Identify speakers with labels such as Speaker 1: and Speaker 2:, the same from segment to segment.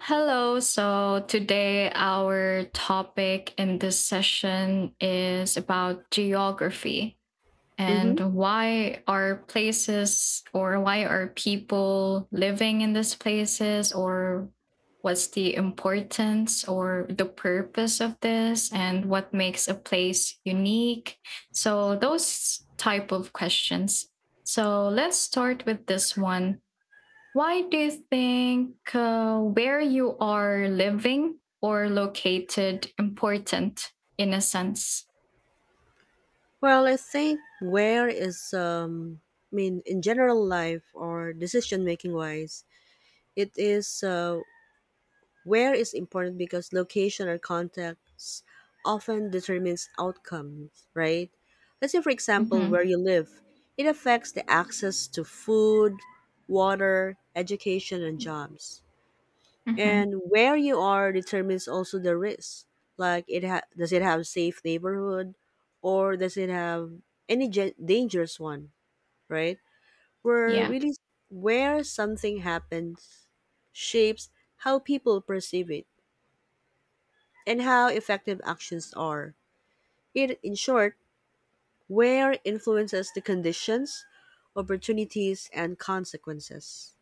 Speaker 1: Hello. So today our topic in this session is about geography and
Speaker 2: hmm
Speaker 1: why are places, or why are people living in these places, or what's the importance or the purpose of this, and what makes a place unique. So those type of questions. So let's start with this one. Why do you think where you are living or located important in a sense?
Speaker 2: Well, I think where is I mean, in general life or decision making wise, it is where is important because location or context often determines outcomes, right? Let's say, for example, where
Speaker 1: Hmm.
Speaker 2: you live, it affects the access to food, water, education, and jobs.
Speaker 1: Hmm.
Speaker 2: And where you are determines also the risk. Like does it have safe neighborhood or does it have any dangerous one, right? Where
Speaker 1: Yeah.
Speaker 2: really where something happens shapes how people perceive it and how effective actions are. It, in short, where influences the conditions, opportunities, and consequences.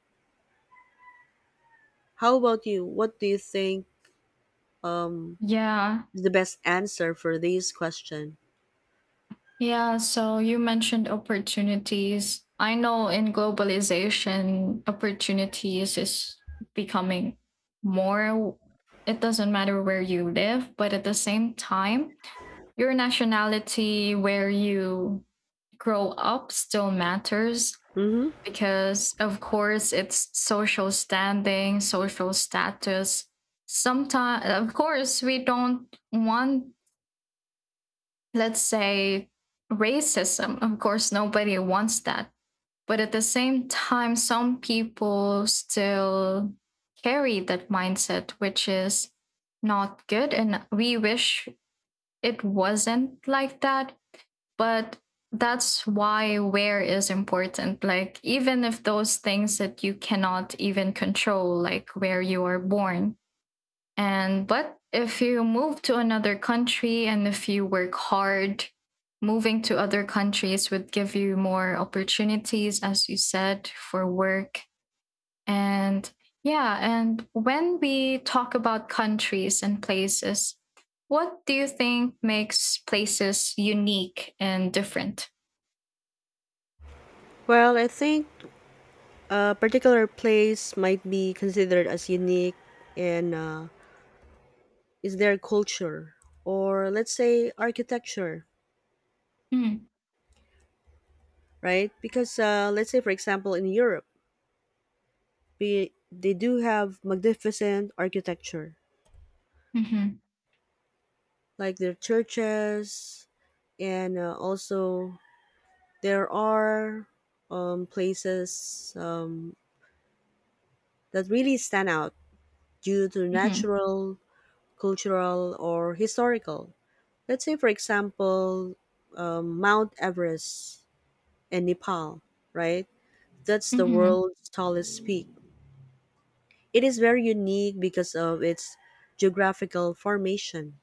Speaker 2: How about you? What do you think um,
Speaker 1: Yeah.
Speaker 2: is the best answer for this question?
Speaker 1: Yeah. So you mentioned opportunities. I know in globalization, opportunities is becoming more. It doesn't matter where you live, but at the same time, your nationality, where you grow up, still matters
Speaker 2: hmm
Speaker 1: because of course it's social standing, social status. Sometimes, of course, we don't want, let's say, racism. Of course, nobody wants that. But at the same time, some people still carry that mindset, which is not good. And we wish it wasn't like that, but that's why where is important, like even if those things that you cannot even control, like where you are born. And but if you move to another country and if you work hard, moving to other countries would give you more opportunities, as you said, for work. And yeah, and when we talk about countries and places, what do you think makes places unique and different?
Speaker 2: Well, I think a particular place might be considered as unique in is their culture, or let's say architecture,
Speaker 1: Mhm,
Speaker 2: right? Because let's say, for example, in Europe, they do have magnificent architecture,
Speaker 1: mhm,
Speaker 2: like their churches, and also there are places that really stand out due to
Speaker 1: mhm,
Speaker 2: natural, cultural, or historical. Let's say, for example, Mount Everest in Nepal, right? That's the
Speaker 1: mhm.
Speaker 2: world's tallest peak. It is very unique because of its geographical formation,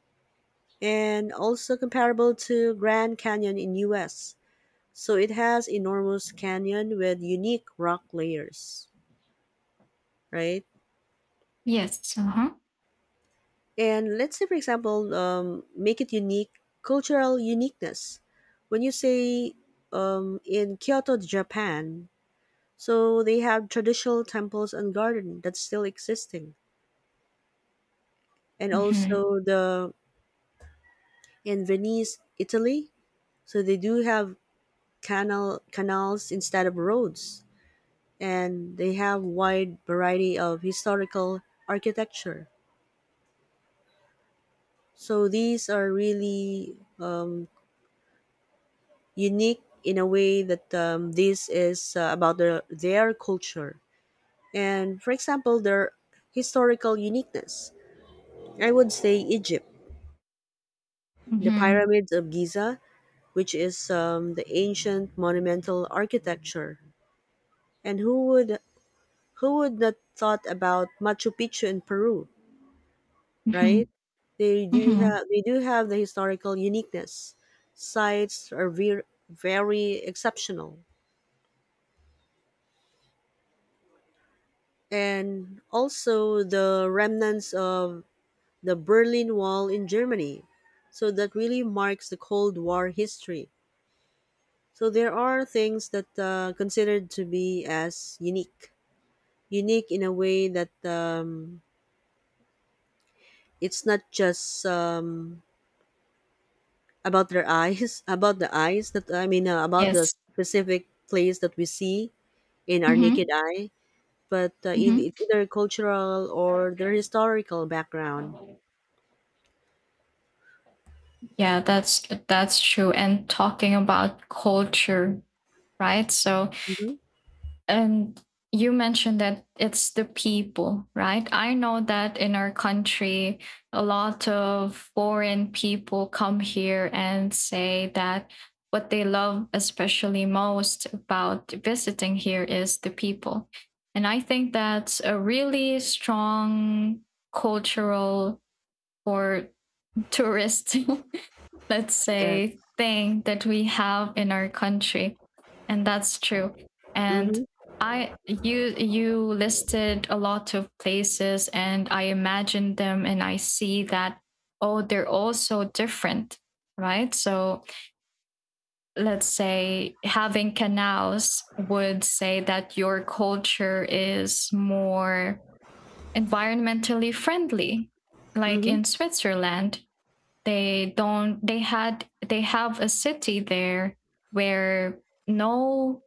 Speaker 2: and also comparable to Grand Canyon in US. So it has enormous canyon with unique rock layers, right?
Speaker 1: Yes, uh-huh.
Speaker 2: And let's say, for example, make it unique, cultural uniqueness. When you say in Kyoto, Japan, so they have traditional temples and garden that's still existing. And
Speaker 1: Mhm,
Speaker 2: also the in Venice, Italy, so they do have canals instead of roads. And they have wide variety of historical architecture. So these are really unique in a way that this is about their culture, and, for example, their historical uniqueness. I would say Egypt, the
Speaker 1: mhm,
Speaker 2: pyramids of Giza, which is the ancient monumental architecture. And who would not thought about Machu Picchu in Peru,
Speaker 1: mhm,
Speaker 2: right?
Speaker 1: mhm.
Speaker 2: They do have the historical uniqueness. Sites are very, very exceptional. And also the remnants of the Berlin Wall in Germany. So that really marks the Cold War history. So there are things that considered to be as unique, in a way that it's not just about about the eyes that I mean, about the
Speaker 1: Yes.
Speaker 2: specific place that we see in our naked
Speaker 1: Mhm,
Speaker 2: eye, but
Speaker 1: mhm.
Speaker 2: it's either cultural or their historical background.
Speaker 1: Yeah, that's true. And talking about culture, right? So
Speaker 2: Mm-hmm.
Speaker 1: and you mentioned that it's the people, right? I know that in our country, a lot of foreign people come here and say that what they love, especially most about visiting here, is the people. And I think that's a really strong cultural or tourist, let's
Speaker 2: Yes.
Speaker 1: say, thing that we have in our country. And that's true. And
Speaker 2: Mm-hmm.
Speaker 1: I you you listed a lot of places, and I imagine them, and I see that, oh, they're all so different, right? So let's say having canals would say that your culture is more environmentally friendly. Like in
Speaker 2: Mm-hmm.
Speaker 1: Switzerland, they don't they had they have a city there where no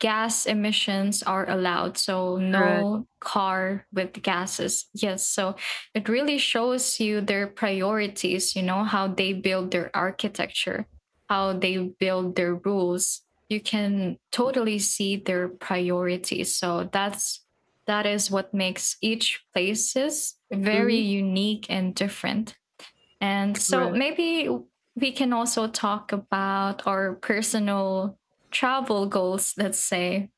Speaker 1: gas emissions are allowed, so
Speaker 2: Correct.
Speaker 1: no car with gases, yes, so it really shows you their priorities, you know, how they build their architecture, how they build their rules. You can totally see their priorities. So that is what makes each places very
Speaker 2: Mm-hmm.
Speaker 1: unique and different. And so
Speaker 2: Correct.
Speaker 1: maybe we can also talk about our personal travel goals, let's say.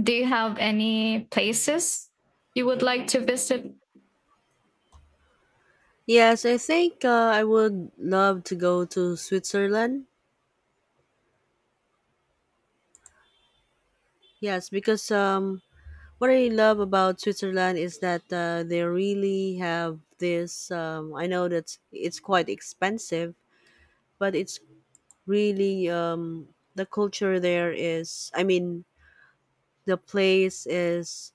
Speaker 1: Do you have any places you would like to visit?
Speaker 2: Yes, I think I would love to go to Switzerland. Yes, because what I love about Switzerland is that they really have this. I know that it's quite expensive, but it's really the culture there is. I mean, the place is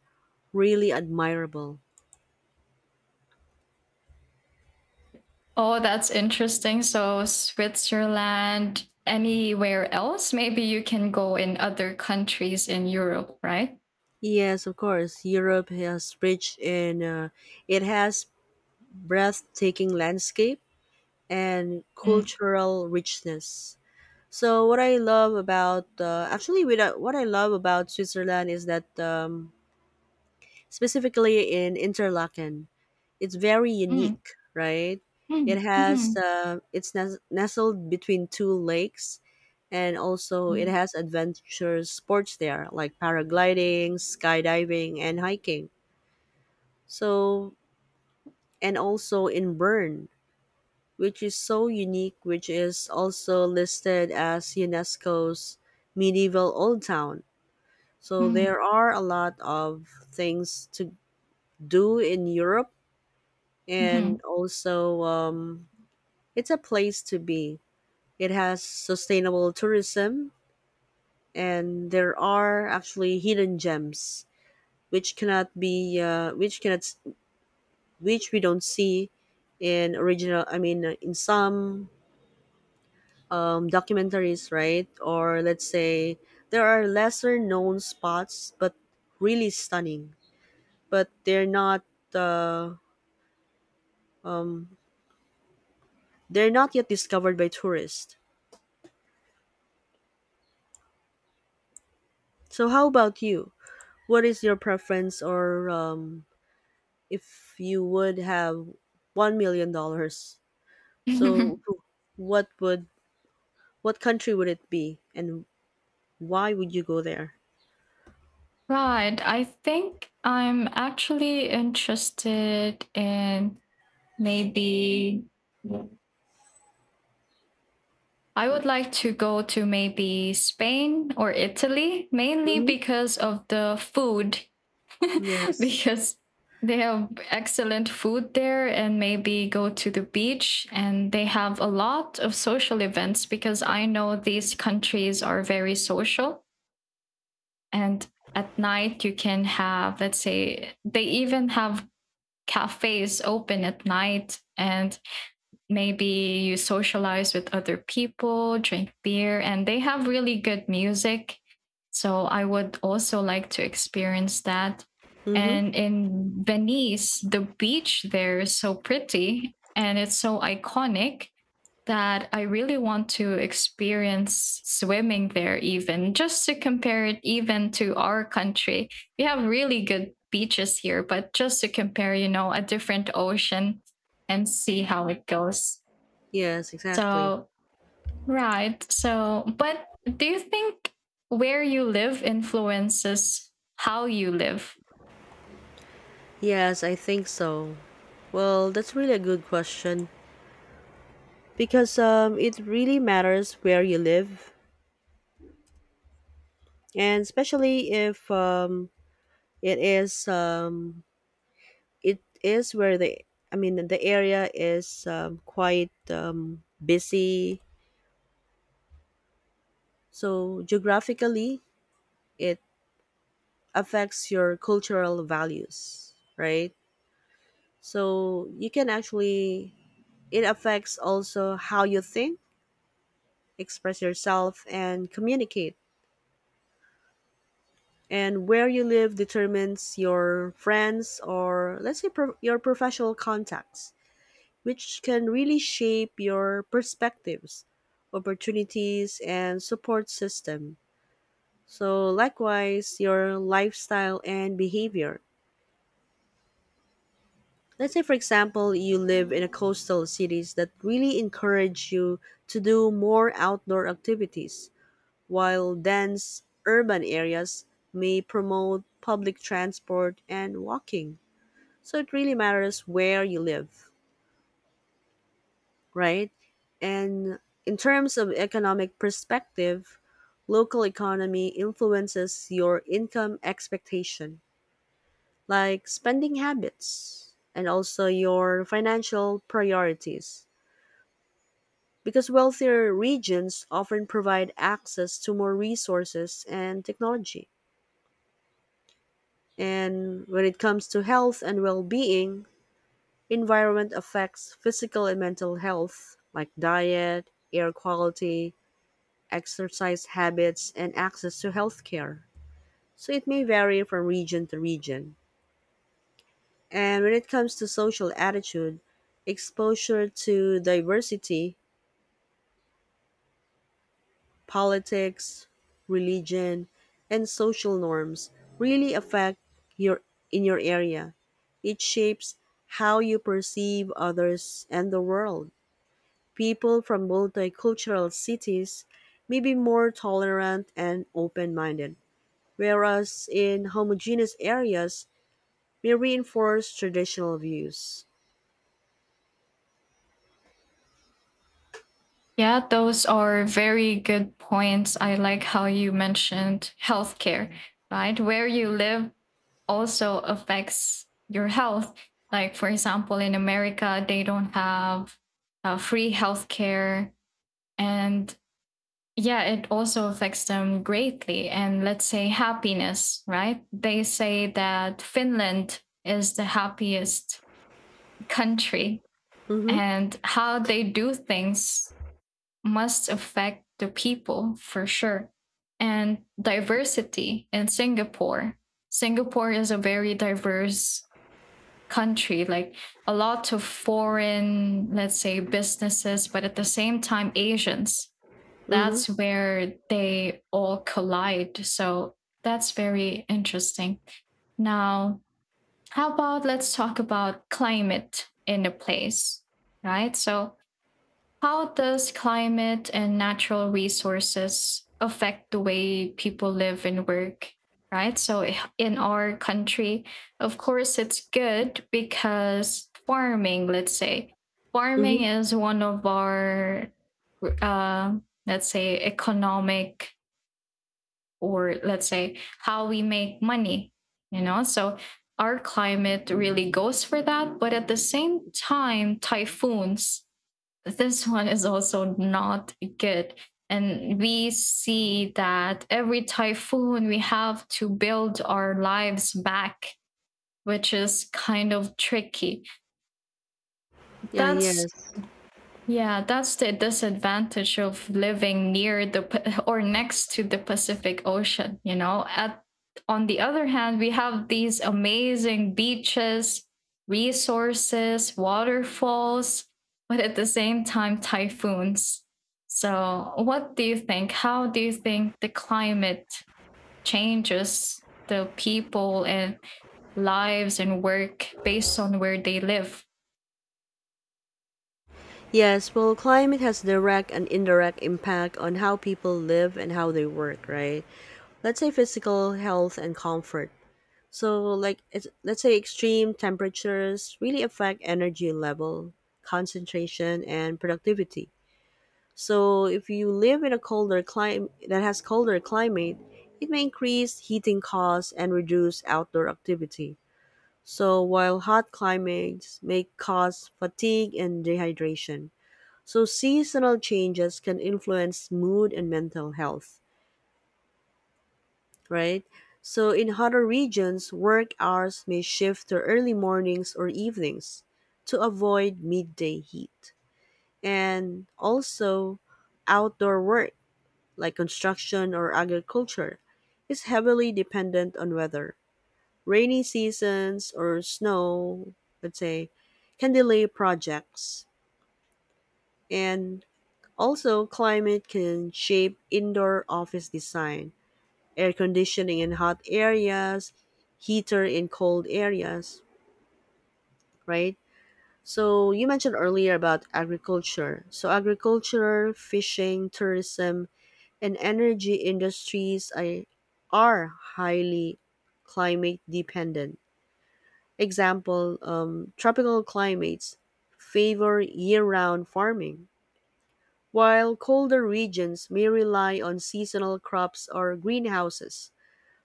Speaker 2: really admirable.
Speaker 1: Oh, that's interesting. So, Switzerland, anywhere else? Maybe you can go in other countries in Europe, right?
Speaker 2: Yes, of course. Europe has rich in. It has breathtaking landscape and
Speaker 1: Mm,
Speaker 2: cultural richness. So what I love about Switzerland is that specifically in Interlaken, it's very
Speaker 1: mm,
Speaker 2: unique, right?
Speaker 1: mm,
Speaker 2: It has
Speaker 1: mhm,
Speaker 2: uh, it's nes- nestled between two lakes, and also it has adventure sports there like paragliding, skydiving, and hiking. So, and also in Bern, which is so unique, which is also listed as UNESCO's medieval old town. So
Speaker 1: mm,
Speaker 2: there are a lot of things to do in Europe, and
Speaker 1: mm,
Speaker 2: also it's a place to be. It has sustainable tourism, and there are actually hidden gems which cannot be which cannot which we don't see in original. I mean, in some documentaries, right? Or let's say there are lesser known spots, but really stunning. But uh, um, they're not yet discovered by tourists. So how about you? What is your preference, or if you would have $1 million, so
Speaker 1: mhm.
Speaker 2: what would what country would it be, and why would you go there?
Speaker 1: Right. I think I'm actually interested in maybe I would like to go to maybe Spain or Italy, mainly
Speaker 2: Mm-hmm.
Speaker 1: because of the food,
Speaker 2: Yes.
Speaker 1: because they have excellent food there, and maybe go to the beach. And they have a lot of social events because I know these countries are very social. And at night, you can have, let's say, they even have cafes open at night, and maybe you socialize with other people, drink beer, and they have really good music. So I would also like to experience that.
Speaker 2: Mm-hmm.
Speaker 1: And in Venice, the beach there is so pretty and it's so iconic that I really want to experience swimming there, even just to compare it even to our country. We have really good beaches here, but just to compare, you know, a different ocean, and see how it goes.
Speaker 2: Yes, exactly.
Speaker 1: So, right. So, but do you think where you live influences how you live?
Speaker 2: Yes, I think so. Well, that's really a good question because it really matters where you live, and especially if it is it is where the I mean the area is quite busy. So geographically, it affects your cultural values, right? So you can actually, it affects also how you think, express yourself, and communicate, and where you live determines your friends, or let's say your professional contacts, which can really shape your perspectives, opportunities, and support system. So likewise your lifestyle and behavior, let's say, for example, you live in a coastal cities that really encourage you to do more outdoor activities, while dense urban areas may promote public transport and walking. So it really matters where you live, right? And in terms of economic perspective, local economy influences your income expectation, like spending habits and also your financial priorities. Because wealthier regions often provide access to more resources and technology. And when it comes to health and well being, environment affects physical and mental health, like diet, air quality, exercise habits, and access to healthcare. So it may vary from region to region. And when it comes to social attitude, exposure to diversity, politics, religion, and social norms really affect your in your area. It shapes how you perceive others and the world. People from multicultural cities may be more tolerant and open minded, whereas in homogeneous areas may reinforce traditional views.
Speaker 1: Yeah, those are very good points. I like how you mentioned healthcare, right? Where you live also affects your health. Like, for example, in America, they don't have free healthcare. And yeah, it also affects them greatly. And let's say happiness, right? They say that Finland is the happiest country,
Speaker 2: Mm-hmm.
Speaker 1: and how they do things must affect the people for sure. And diversity in Singapore. Singapore is a very diverse country, like a lot of foreign, let's say, businesses, but at the same time, Asians.
Speaker 2: Mm-hmm.
Speaker 1: That's where they all collide. So that's very interesting. Now, how about let's talk about climate in a place, right? So, how does climate and natural resources affect the way people live and work? Right. So, in our country, of course, it's good because farming, let's say, farming
Speaker 2: Mm-hmm.
Speaker 1: is one of our, uh, let's say, economic, or let's say how we make money, you know. So our climate really goes for that, but at the same time, typhoons. This one is also not good, and we see that every typhoon we have to build our lives back, which is kind of tricky.
Speaker 2: Yeah,
Speaker 1: That's
Speaker 2: yes.
Speaker 1: Yeah, that's the disadvantage of living near or next to the Pacific Ocean, you know. At On the other hand, we have these amazing beaches, resources, waterfalls, but at the same time, typhoons. So, what do you think? How do you think the climate changes the people and lives and work based on where they live?
Speaker 2: Yes, well, climate has direct and indirect impact on how people live and how they work, right? Let's say physical health and comfort. So, like, let's say extreme temperatures really affect energy level, concentration, and productivity. So if you live in a colder climate that has colder climate, it may increase heating costs and reduce outdoor activity. So while hot climates may cause fatigue and dehydration. So seasonal changes can influence mood and mental health, right? So in hotter regions, work hours may shift to early mornings or evenings to avoid midday heat. And also outdoor work, like construction or agriculture, is heavily dependent on weather. Rainy seasons or snow, let's say, can delay projects. And also, climate can shape indoor office design, air conditioning in hot areas, heater in cold areas, right? So, you mentioned earlier about agriculture. So, agriculture, fishing, tourism, and energy industries are highly climate dependent. Example, tropical climates favor year round farming, while colder regions may rely on seasonal crops or greenhouses.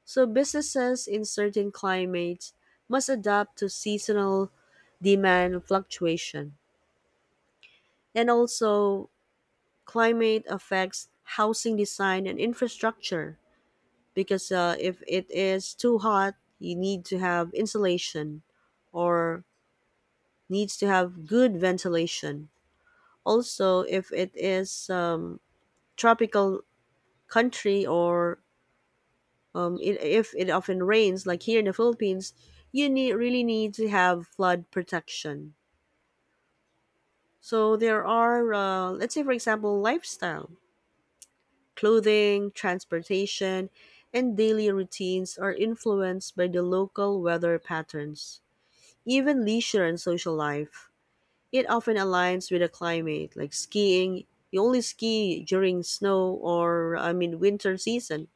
Speaker 2: So, businesses in certain climates must adapt to seasonal demand fluctuation. And also, climate affects housing design and infrastructure, because if it is too hot, you need to have insulation or needs to have good ventilation. Also, if it is tropical country, or if it often rains, like here in the Philippines, you need really need to have flood protection. So there are, let's say, for example, lifestyle, clothing, transportation, and daily routines are influenced by the local weather patterns. Even leisure and social life, it often aligns with the climate, like skiing. You only ski during snow, or, I mean, winter season.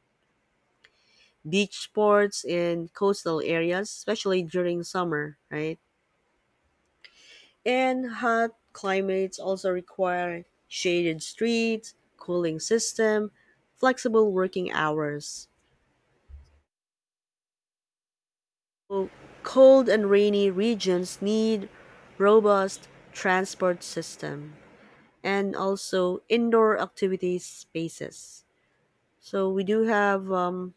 Speaker 2: Beach sports in coastal areas, especially during summer, right? And hot climates also require shaded streets, cooling system, flexible working hours. So, cold and rainy regions need robust transport system, and also indoor activities spaces. So we do have,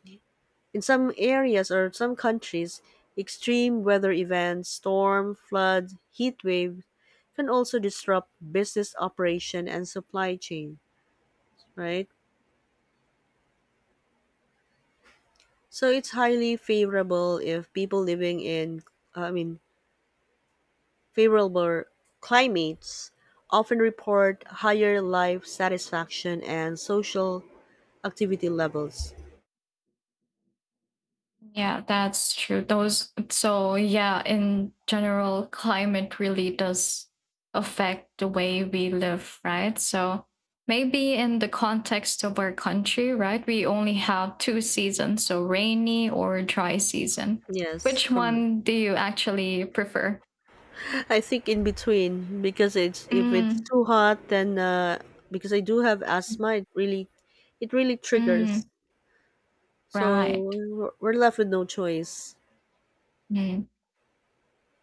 Speaker 2: in some areas or some countries, extreme weather events, storm, flood, heat wave, can also disrupt business operation and supply chain, right? So it's highly favorable if people living in I mean favorable climates often report higher life satisfaction and social activity levels.
Speaker 1: Yeah, that's true. Those, so yeah, in general, climate really does affect the way we live, right? So maybe in the context of our country, right, we only have two seasons, so rainy or dry season.
Speaker 2: Yes,
Speaker 1: Which
Speaker 2: correct.
Speaker 1: one do you actually prefer?
Speaker 2: I think in between, because it's if it's
Speaker 1: Mm,
Speaker 2: too hot, then because I do have asthma, it really
Speaker 1: mm,
Speaker 2: triggers, so
Speaker 1: right.
Speaker 2: we're left with no choice.
Speaker 1: Mm.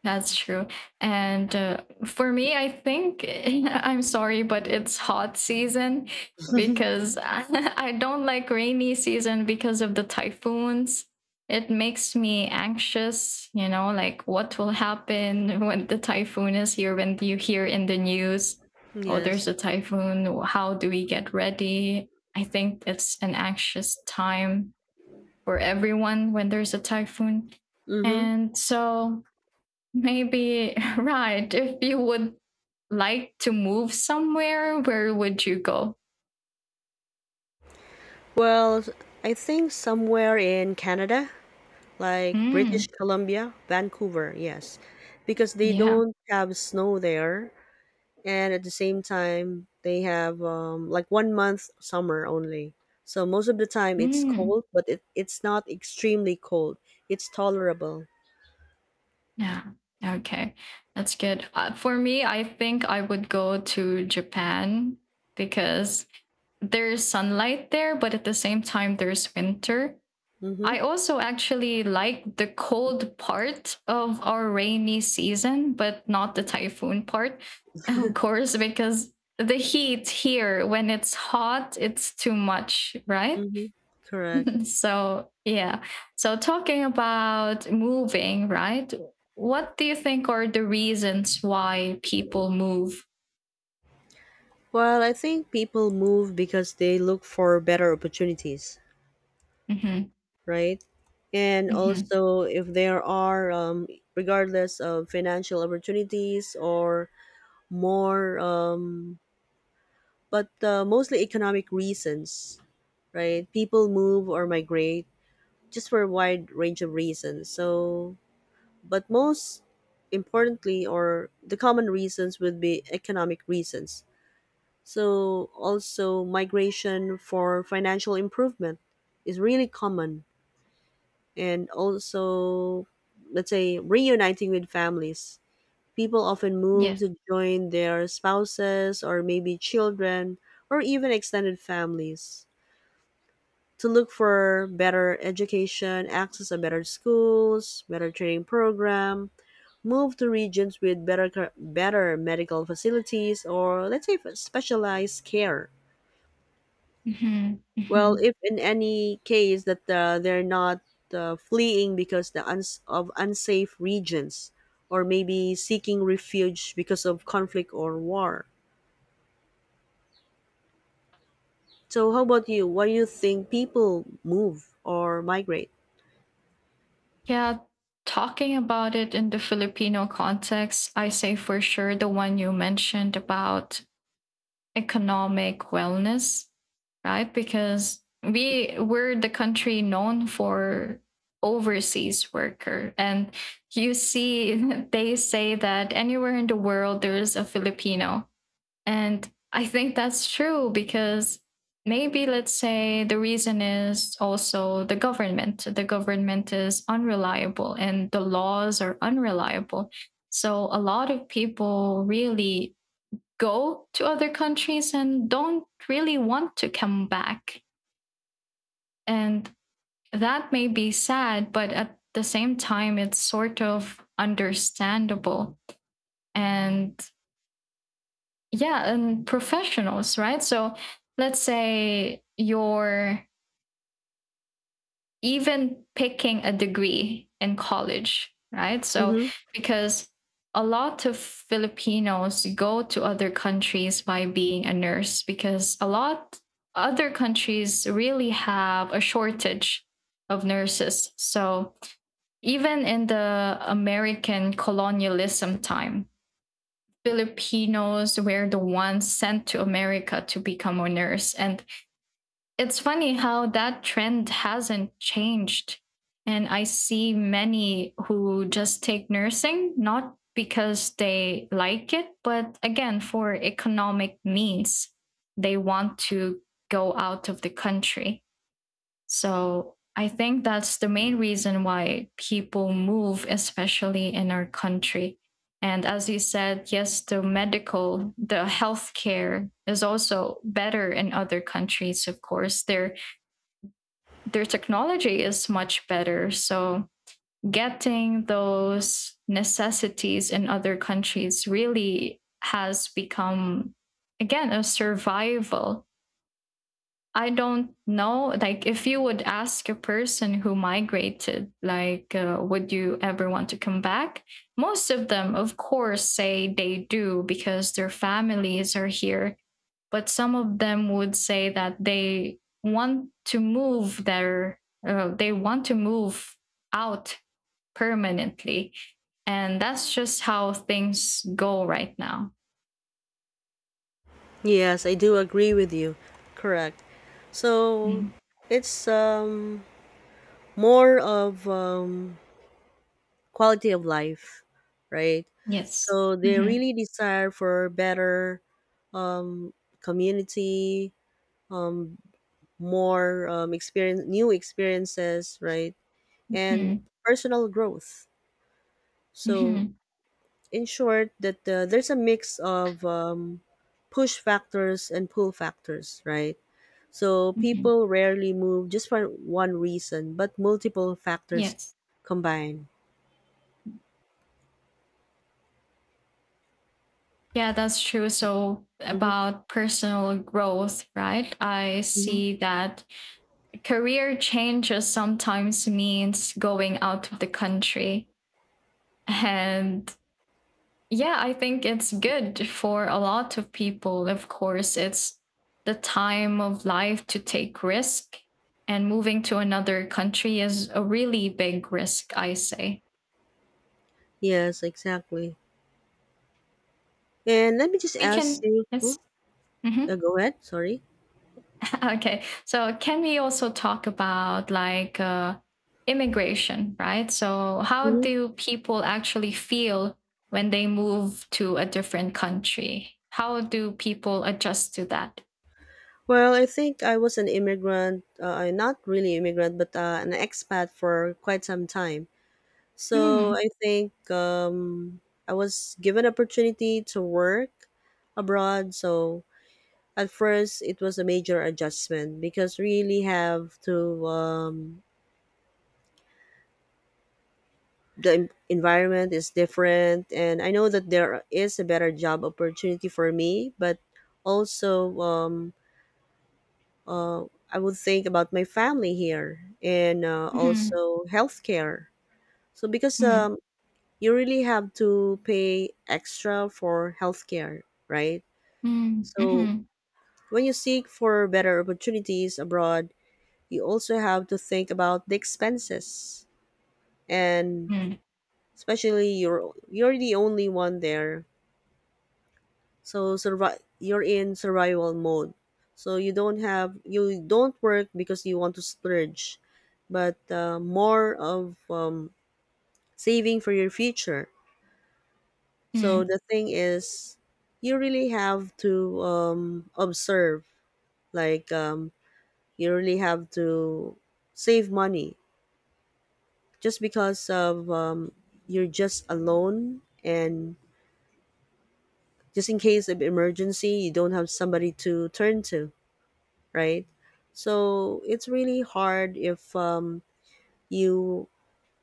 Speaker 1: That's true. And for me, I think I'm sorry, but it's hot season because I don't like rainy season because of the typhoons. It makes me anxious, you know, like what will happen when the typhoon is here, when you hear in the news, oh,
Speaker 2: Yes.
Speaker 1: there's a typhoon. How do we get ready? I think it's an anxious time for everyone when there's a typhoon.
Speaker 2: Mm-hmm.
Speaker 1: And so maybe, right. If you would like to move somewhere, where would you go?
Speaker 2: Well, I think somewhere in Canada, like British
Speaker 1: Mm,
Speaker 2: Columbia, Vancouver. Yes, because they
Speaker 1: yeah.
Speaker 2: don't have snow there, and at the same time they have, like, one month summer only, so most of the time it's
Speaker 1: Mm,
Speaker 2: cold, but it's not extremely cold, it's tolerable.
Speaker 1: yeah. Okay. That's good. For me, I think I would go to Japan because there's sunlight there, but at the same time, there's winter.
Speaker 2: Mm-hmm.
Speaker 1: I also actually like the cold part of our rainy season, but not the typhoon part, of course, because the heat here, when it's hot, it's too much, right?
Speaker 2: Mm-hmm. Correct.
Speaker 1: So, yeah. So, talking about moving, right? What do you think are the reasons why people move?
Speaker 2: Well, I think people move because they look for better opportunities,
Speaker 1: Mm-hmm.
Speaker 2: right? And
Speaker 1: Mm-hmm.
Speaker 2: also, if there are, regardless of financial opportunities, or more, but mostly economic reasons, right? People move or migrate just for a wide range of reasons. So, but most importantly, or the common reasons would be economic reasons. So, also migration for financial improvement is really common, and also, let's say, reuniting with families. People often move
Speaker 1: Yes.
Speaker 2: to join their spouses or maybe children, or even extended families, to look for better education, access to better schools, better training program, move to regions with better better medical facilities, or let's say for specialized care.
Speaker 1: Mm-hmm.
Speaker 2: Well,
Speaker 1: Mm-hmm.
Speaker 2: if in any case that they're not fleeing because of unsafe regions, or maybe seeking refuge because of conflict or war. So how about you? Why do you think people move or migrate?
Speaker 1: Yeah, talking about it in the Filipino context, I say for sure the one you mentioned about economic wellness, right? Because we're the country known for overseas worker. And you see, they say that anywhere in the world there is a filipino, and I think that's true because maybe, let's say, the reason is also the government. The government is unreliable and the laws are unreliable. So a lot of people really go to other countries and don't really want to come back. And that may be sad, but at the same time, it's sort of understandable. And yeah, and professionals, right? So let's say you're even picking a degree in college, right? So
Speaker 2: Mhm.
Speaker 1: because a lot of filipinos go to other countries by being a nurse, because a lot other countries really have a shortage of nurses. So even in the American colonialism time, Filipinos were the ones sent to America to become a nurse. And it's funny how that trend hasn't changed. And I see many who just take nursing, not because they like it, but again, for economic means. They want to go out of the country. So I think that's the main reason why people move, especially in our country. And as you said, yes, the medical, the healthcare is also better in other countries, of course. Their technology is much better. So getting those necessities in other countries really has become, again, a survival. I don't know. Like, if you would ask a person who migrated, like, would you ever want to come back? Most of them, of course, say they do because their families are here. But some of them would say that they want to move out permanently. And that's just how things go right now.
Speaker 2: Yes, I do agree with you. Correct. So
Speaker 1: Mhm.
Speaker 2: it's more of quality of life, right?
Speaker 1: Yes.
Speaker 2: So they
Speaker 1: Hmm.
Speaker 2: really desire for better, um community, more experience, new experiences, right? And
Speaker 1: Hmm.
Speaker 2: personal growth. So
Speaker 1: Hmm.
Speaker 2: in short, that there's a mix of push factors and pull factors, right? So
Speaker 1: Hmm.
Speaker 2: people rarely move just for one reason, but multiple factors
Speaker 1: Yes.
Speaker 2: combine.
Speaker 1: Yeah, that's true. So,
Speaker 2: Hmm.
Speaker 1: about personal growth, right? I
Speaker 2: Hmm.
Speaker 1: see that career changes sometimes means going out of the country. And yeah, I think it's good for a lot of people. Of course, it's the time of life to take risk. And moving to another country is a really big risk, I say.
Speaker 2: Yes, exactly. And let me just
Speaker 1: We
Speaker 2: ask
Speaker 1: can,
Speaker 2: you. Hmm?
Speaker 1: yes. Mhm.
Speaker 2: Go ahead. Sorry.
Speaker 1: Okay. So can we also talk about, like, immigration, right? So how
Speaker 2: hmm
Speaker 1: do people actually feel when they move to a different country? How do people adjust to that?
Speaker 2: Well, I think I was an immigrant, not really immigrant, but an expat for quite some time. So
Speaker 1: Mm,
Speaker 2: I think I was given opportunity to work abroad. So at first, it was a major adjustment because really have to, the environment is different, and I know that there is a better job opportunity for me, but also, uh, I would think about my family here, and
Speaker 1: mhm,
Speaker 2: also healthcare. So because
Speaker 1: mm,
Speaker 2: you really have to pay extra for healthcare, right?
Speaker 1: mm,
Speaker 2: So
Speaker 1: mhm,
Speaker 2: when you seek for better opportunities abroad, you also have to think about the expenses, and
Speaker 1: mm,
Speaker 2: especially you're the only one there. So you're in survival mode. So you don't work because you want to splurge, but more of saving for your future. So
Speaker 1: mm,
Speaker 2: the thing is, you really have to, observe, like, you really have to save money, just because of, you're just alone, and just in case of emergency you don't have somebody to turn to, right? So it's really hard if, you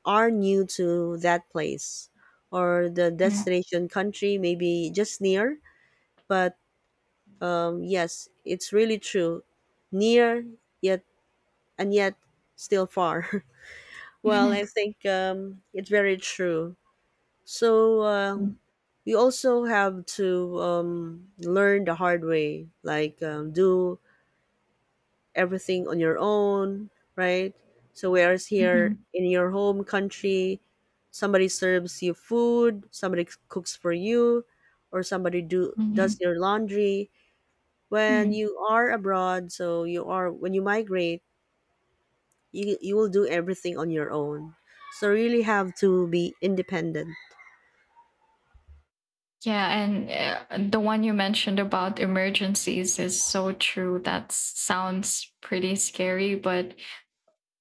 Speaker 2: are new to that place, or the
Speaker 1: mm,
Speaker 2: destination country maybe just near. But yes, it's really true. Near, yet, and yet still far. Well, I
Speaker 1: mhm,
Speaker 2: think it's very true. So
Speaker 1: mm,
Speaker 2: you also have to, learn the hard way, like, do everything on your own, right? So, whereas here
Speaker 1: mhm,
Speaker 2: in your home country, somebody serves you food, somebody cooks for you, or somebody do does
Speaker 1: mhm,
Speaker 2: your laundry. When
Speaker 1: mm.
Speaker 2: you are abroad, so you are when you migrate, you will do everything on your own. So really have to be independent.
Speaker 1: Yeah, and the one you mentioned about emergencies is so true. That sounds pretty scary, but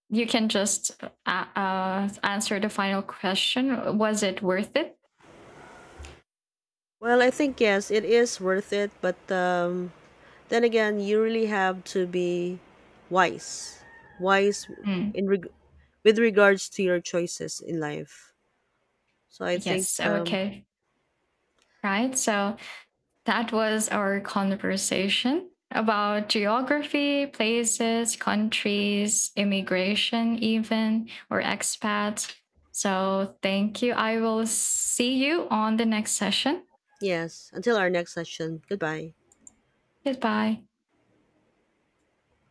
Speaker 1: you can just answer the final question. Was it worth it?
Speaker 2: Well, I think yes, it is worth it, but then again, you really have to be wise, wise
Speaker 1: Mm.
Speaker 2: in reg- with regards to your choices in life. So I think
Speaker 1: Yes. Okay. Right. So that was our conversation about geography, places, countries, immigration, even, or expats. So thank you. I will see you on the next session.
Speaker 2: yes. Until our next session. Goodbye.
Speaker 1: Goodbye.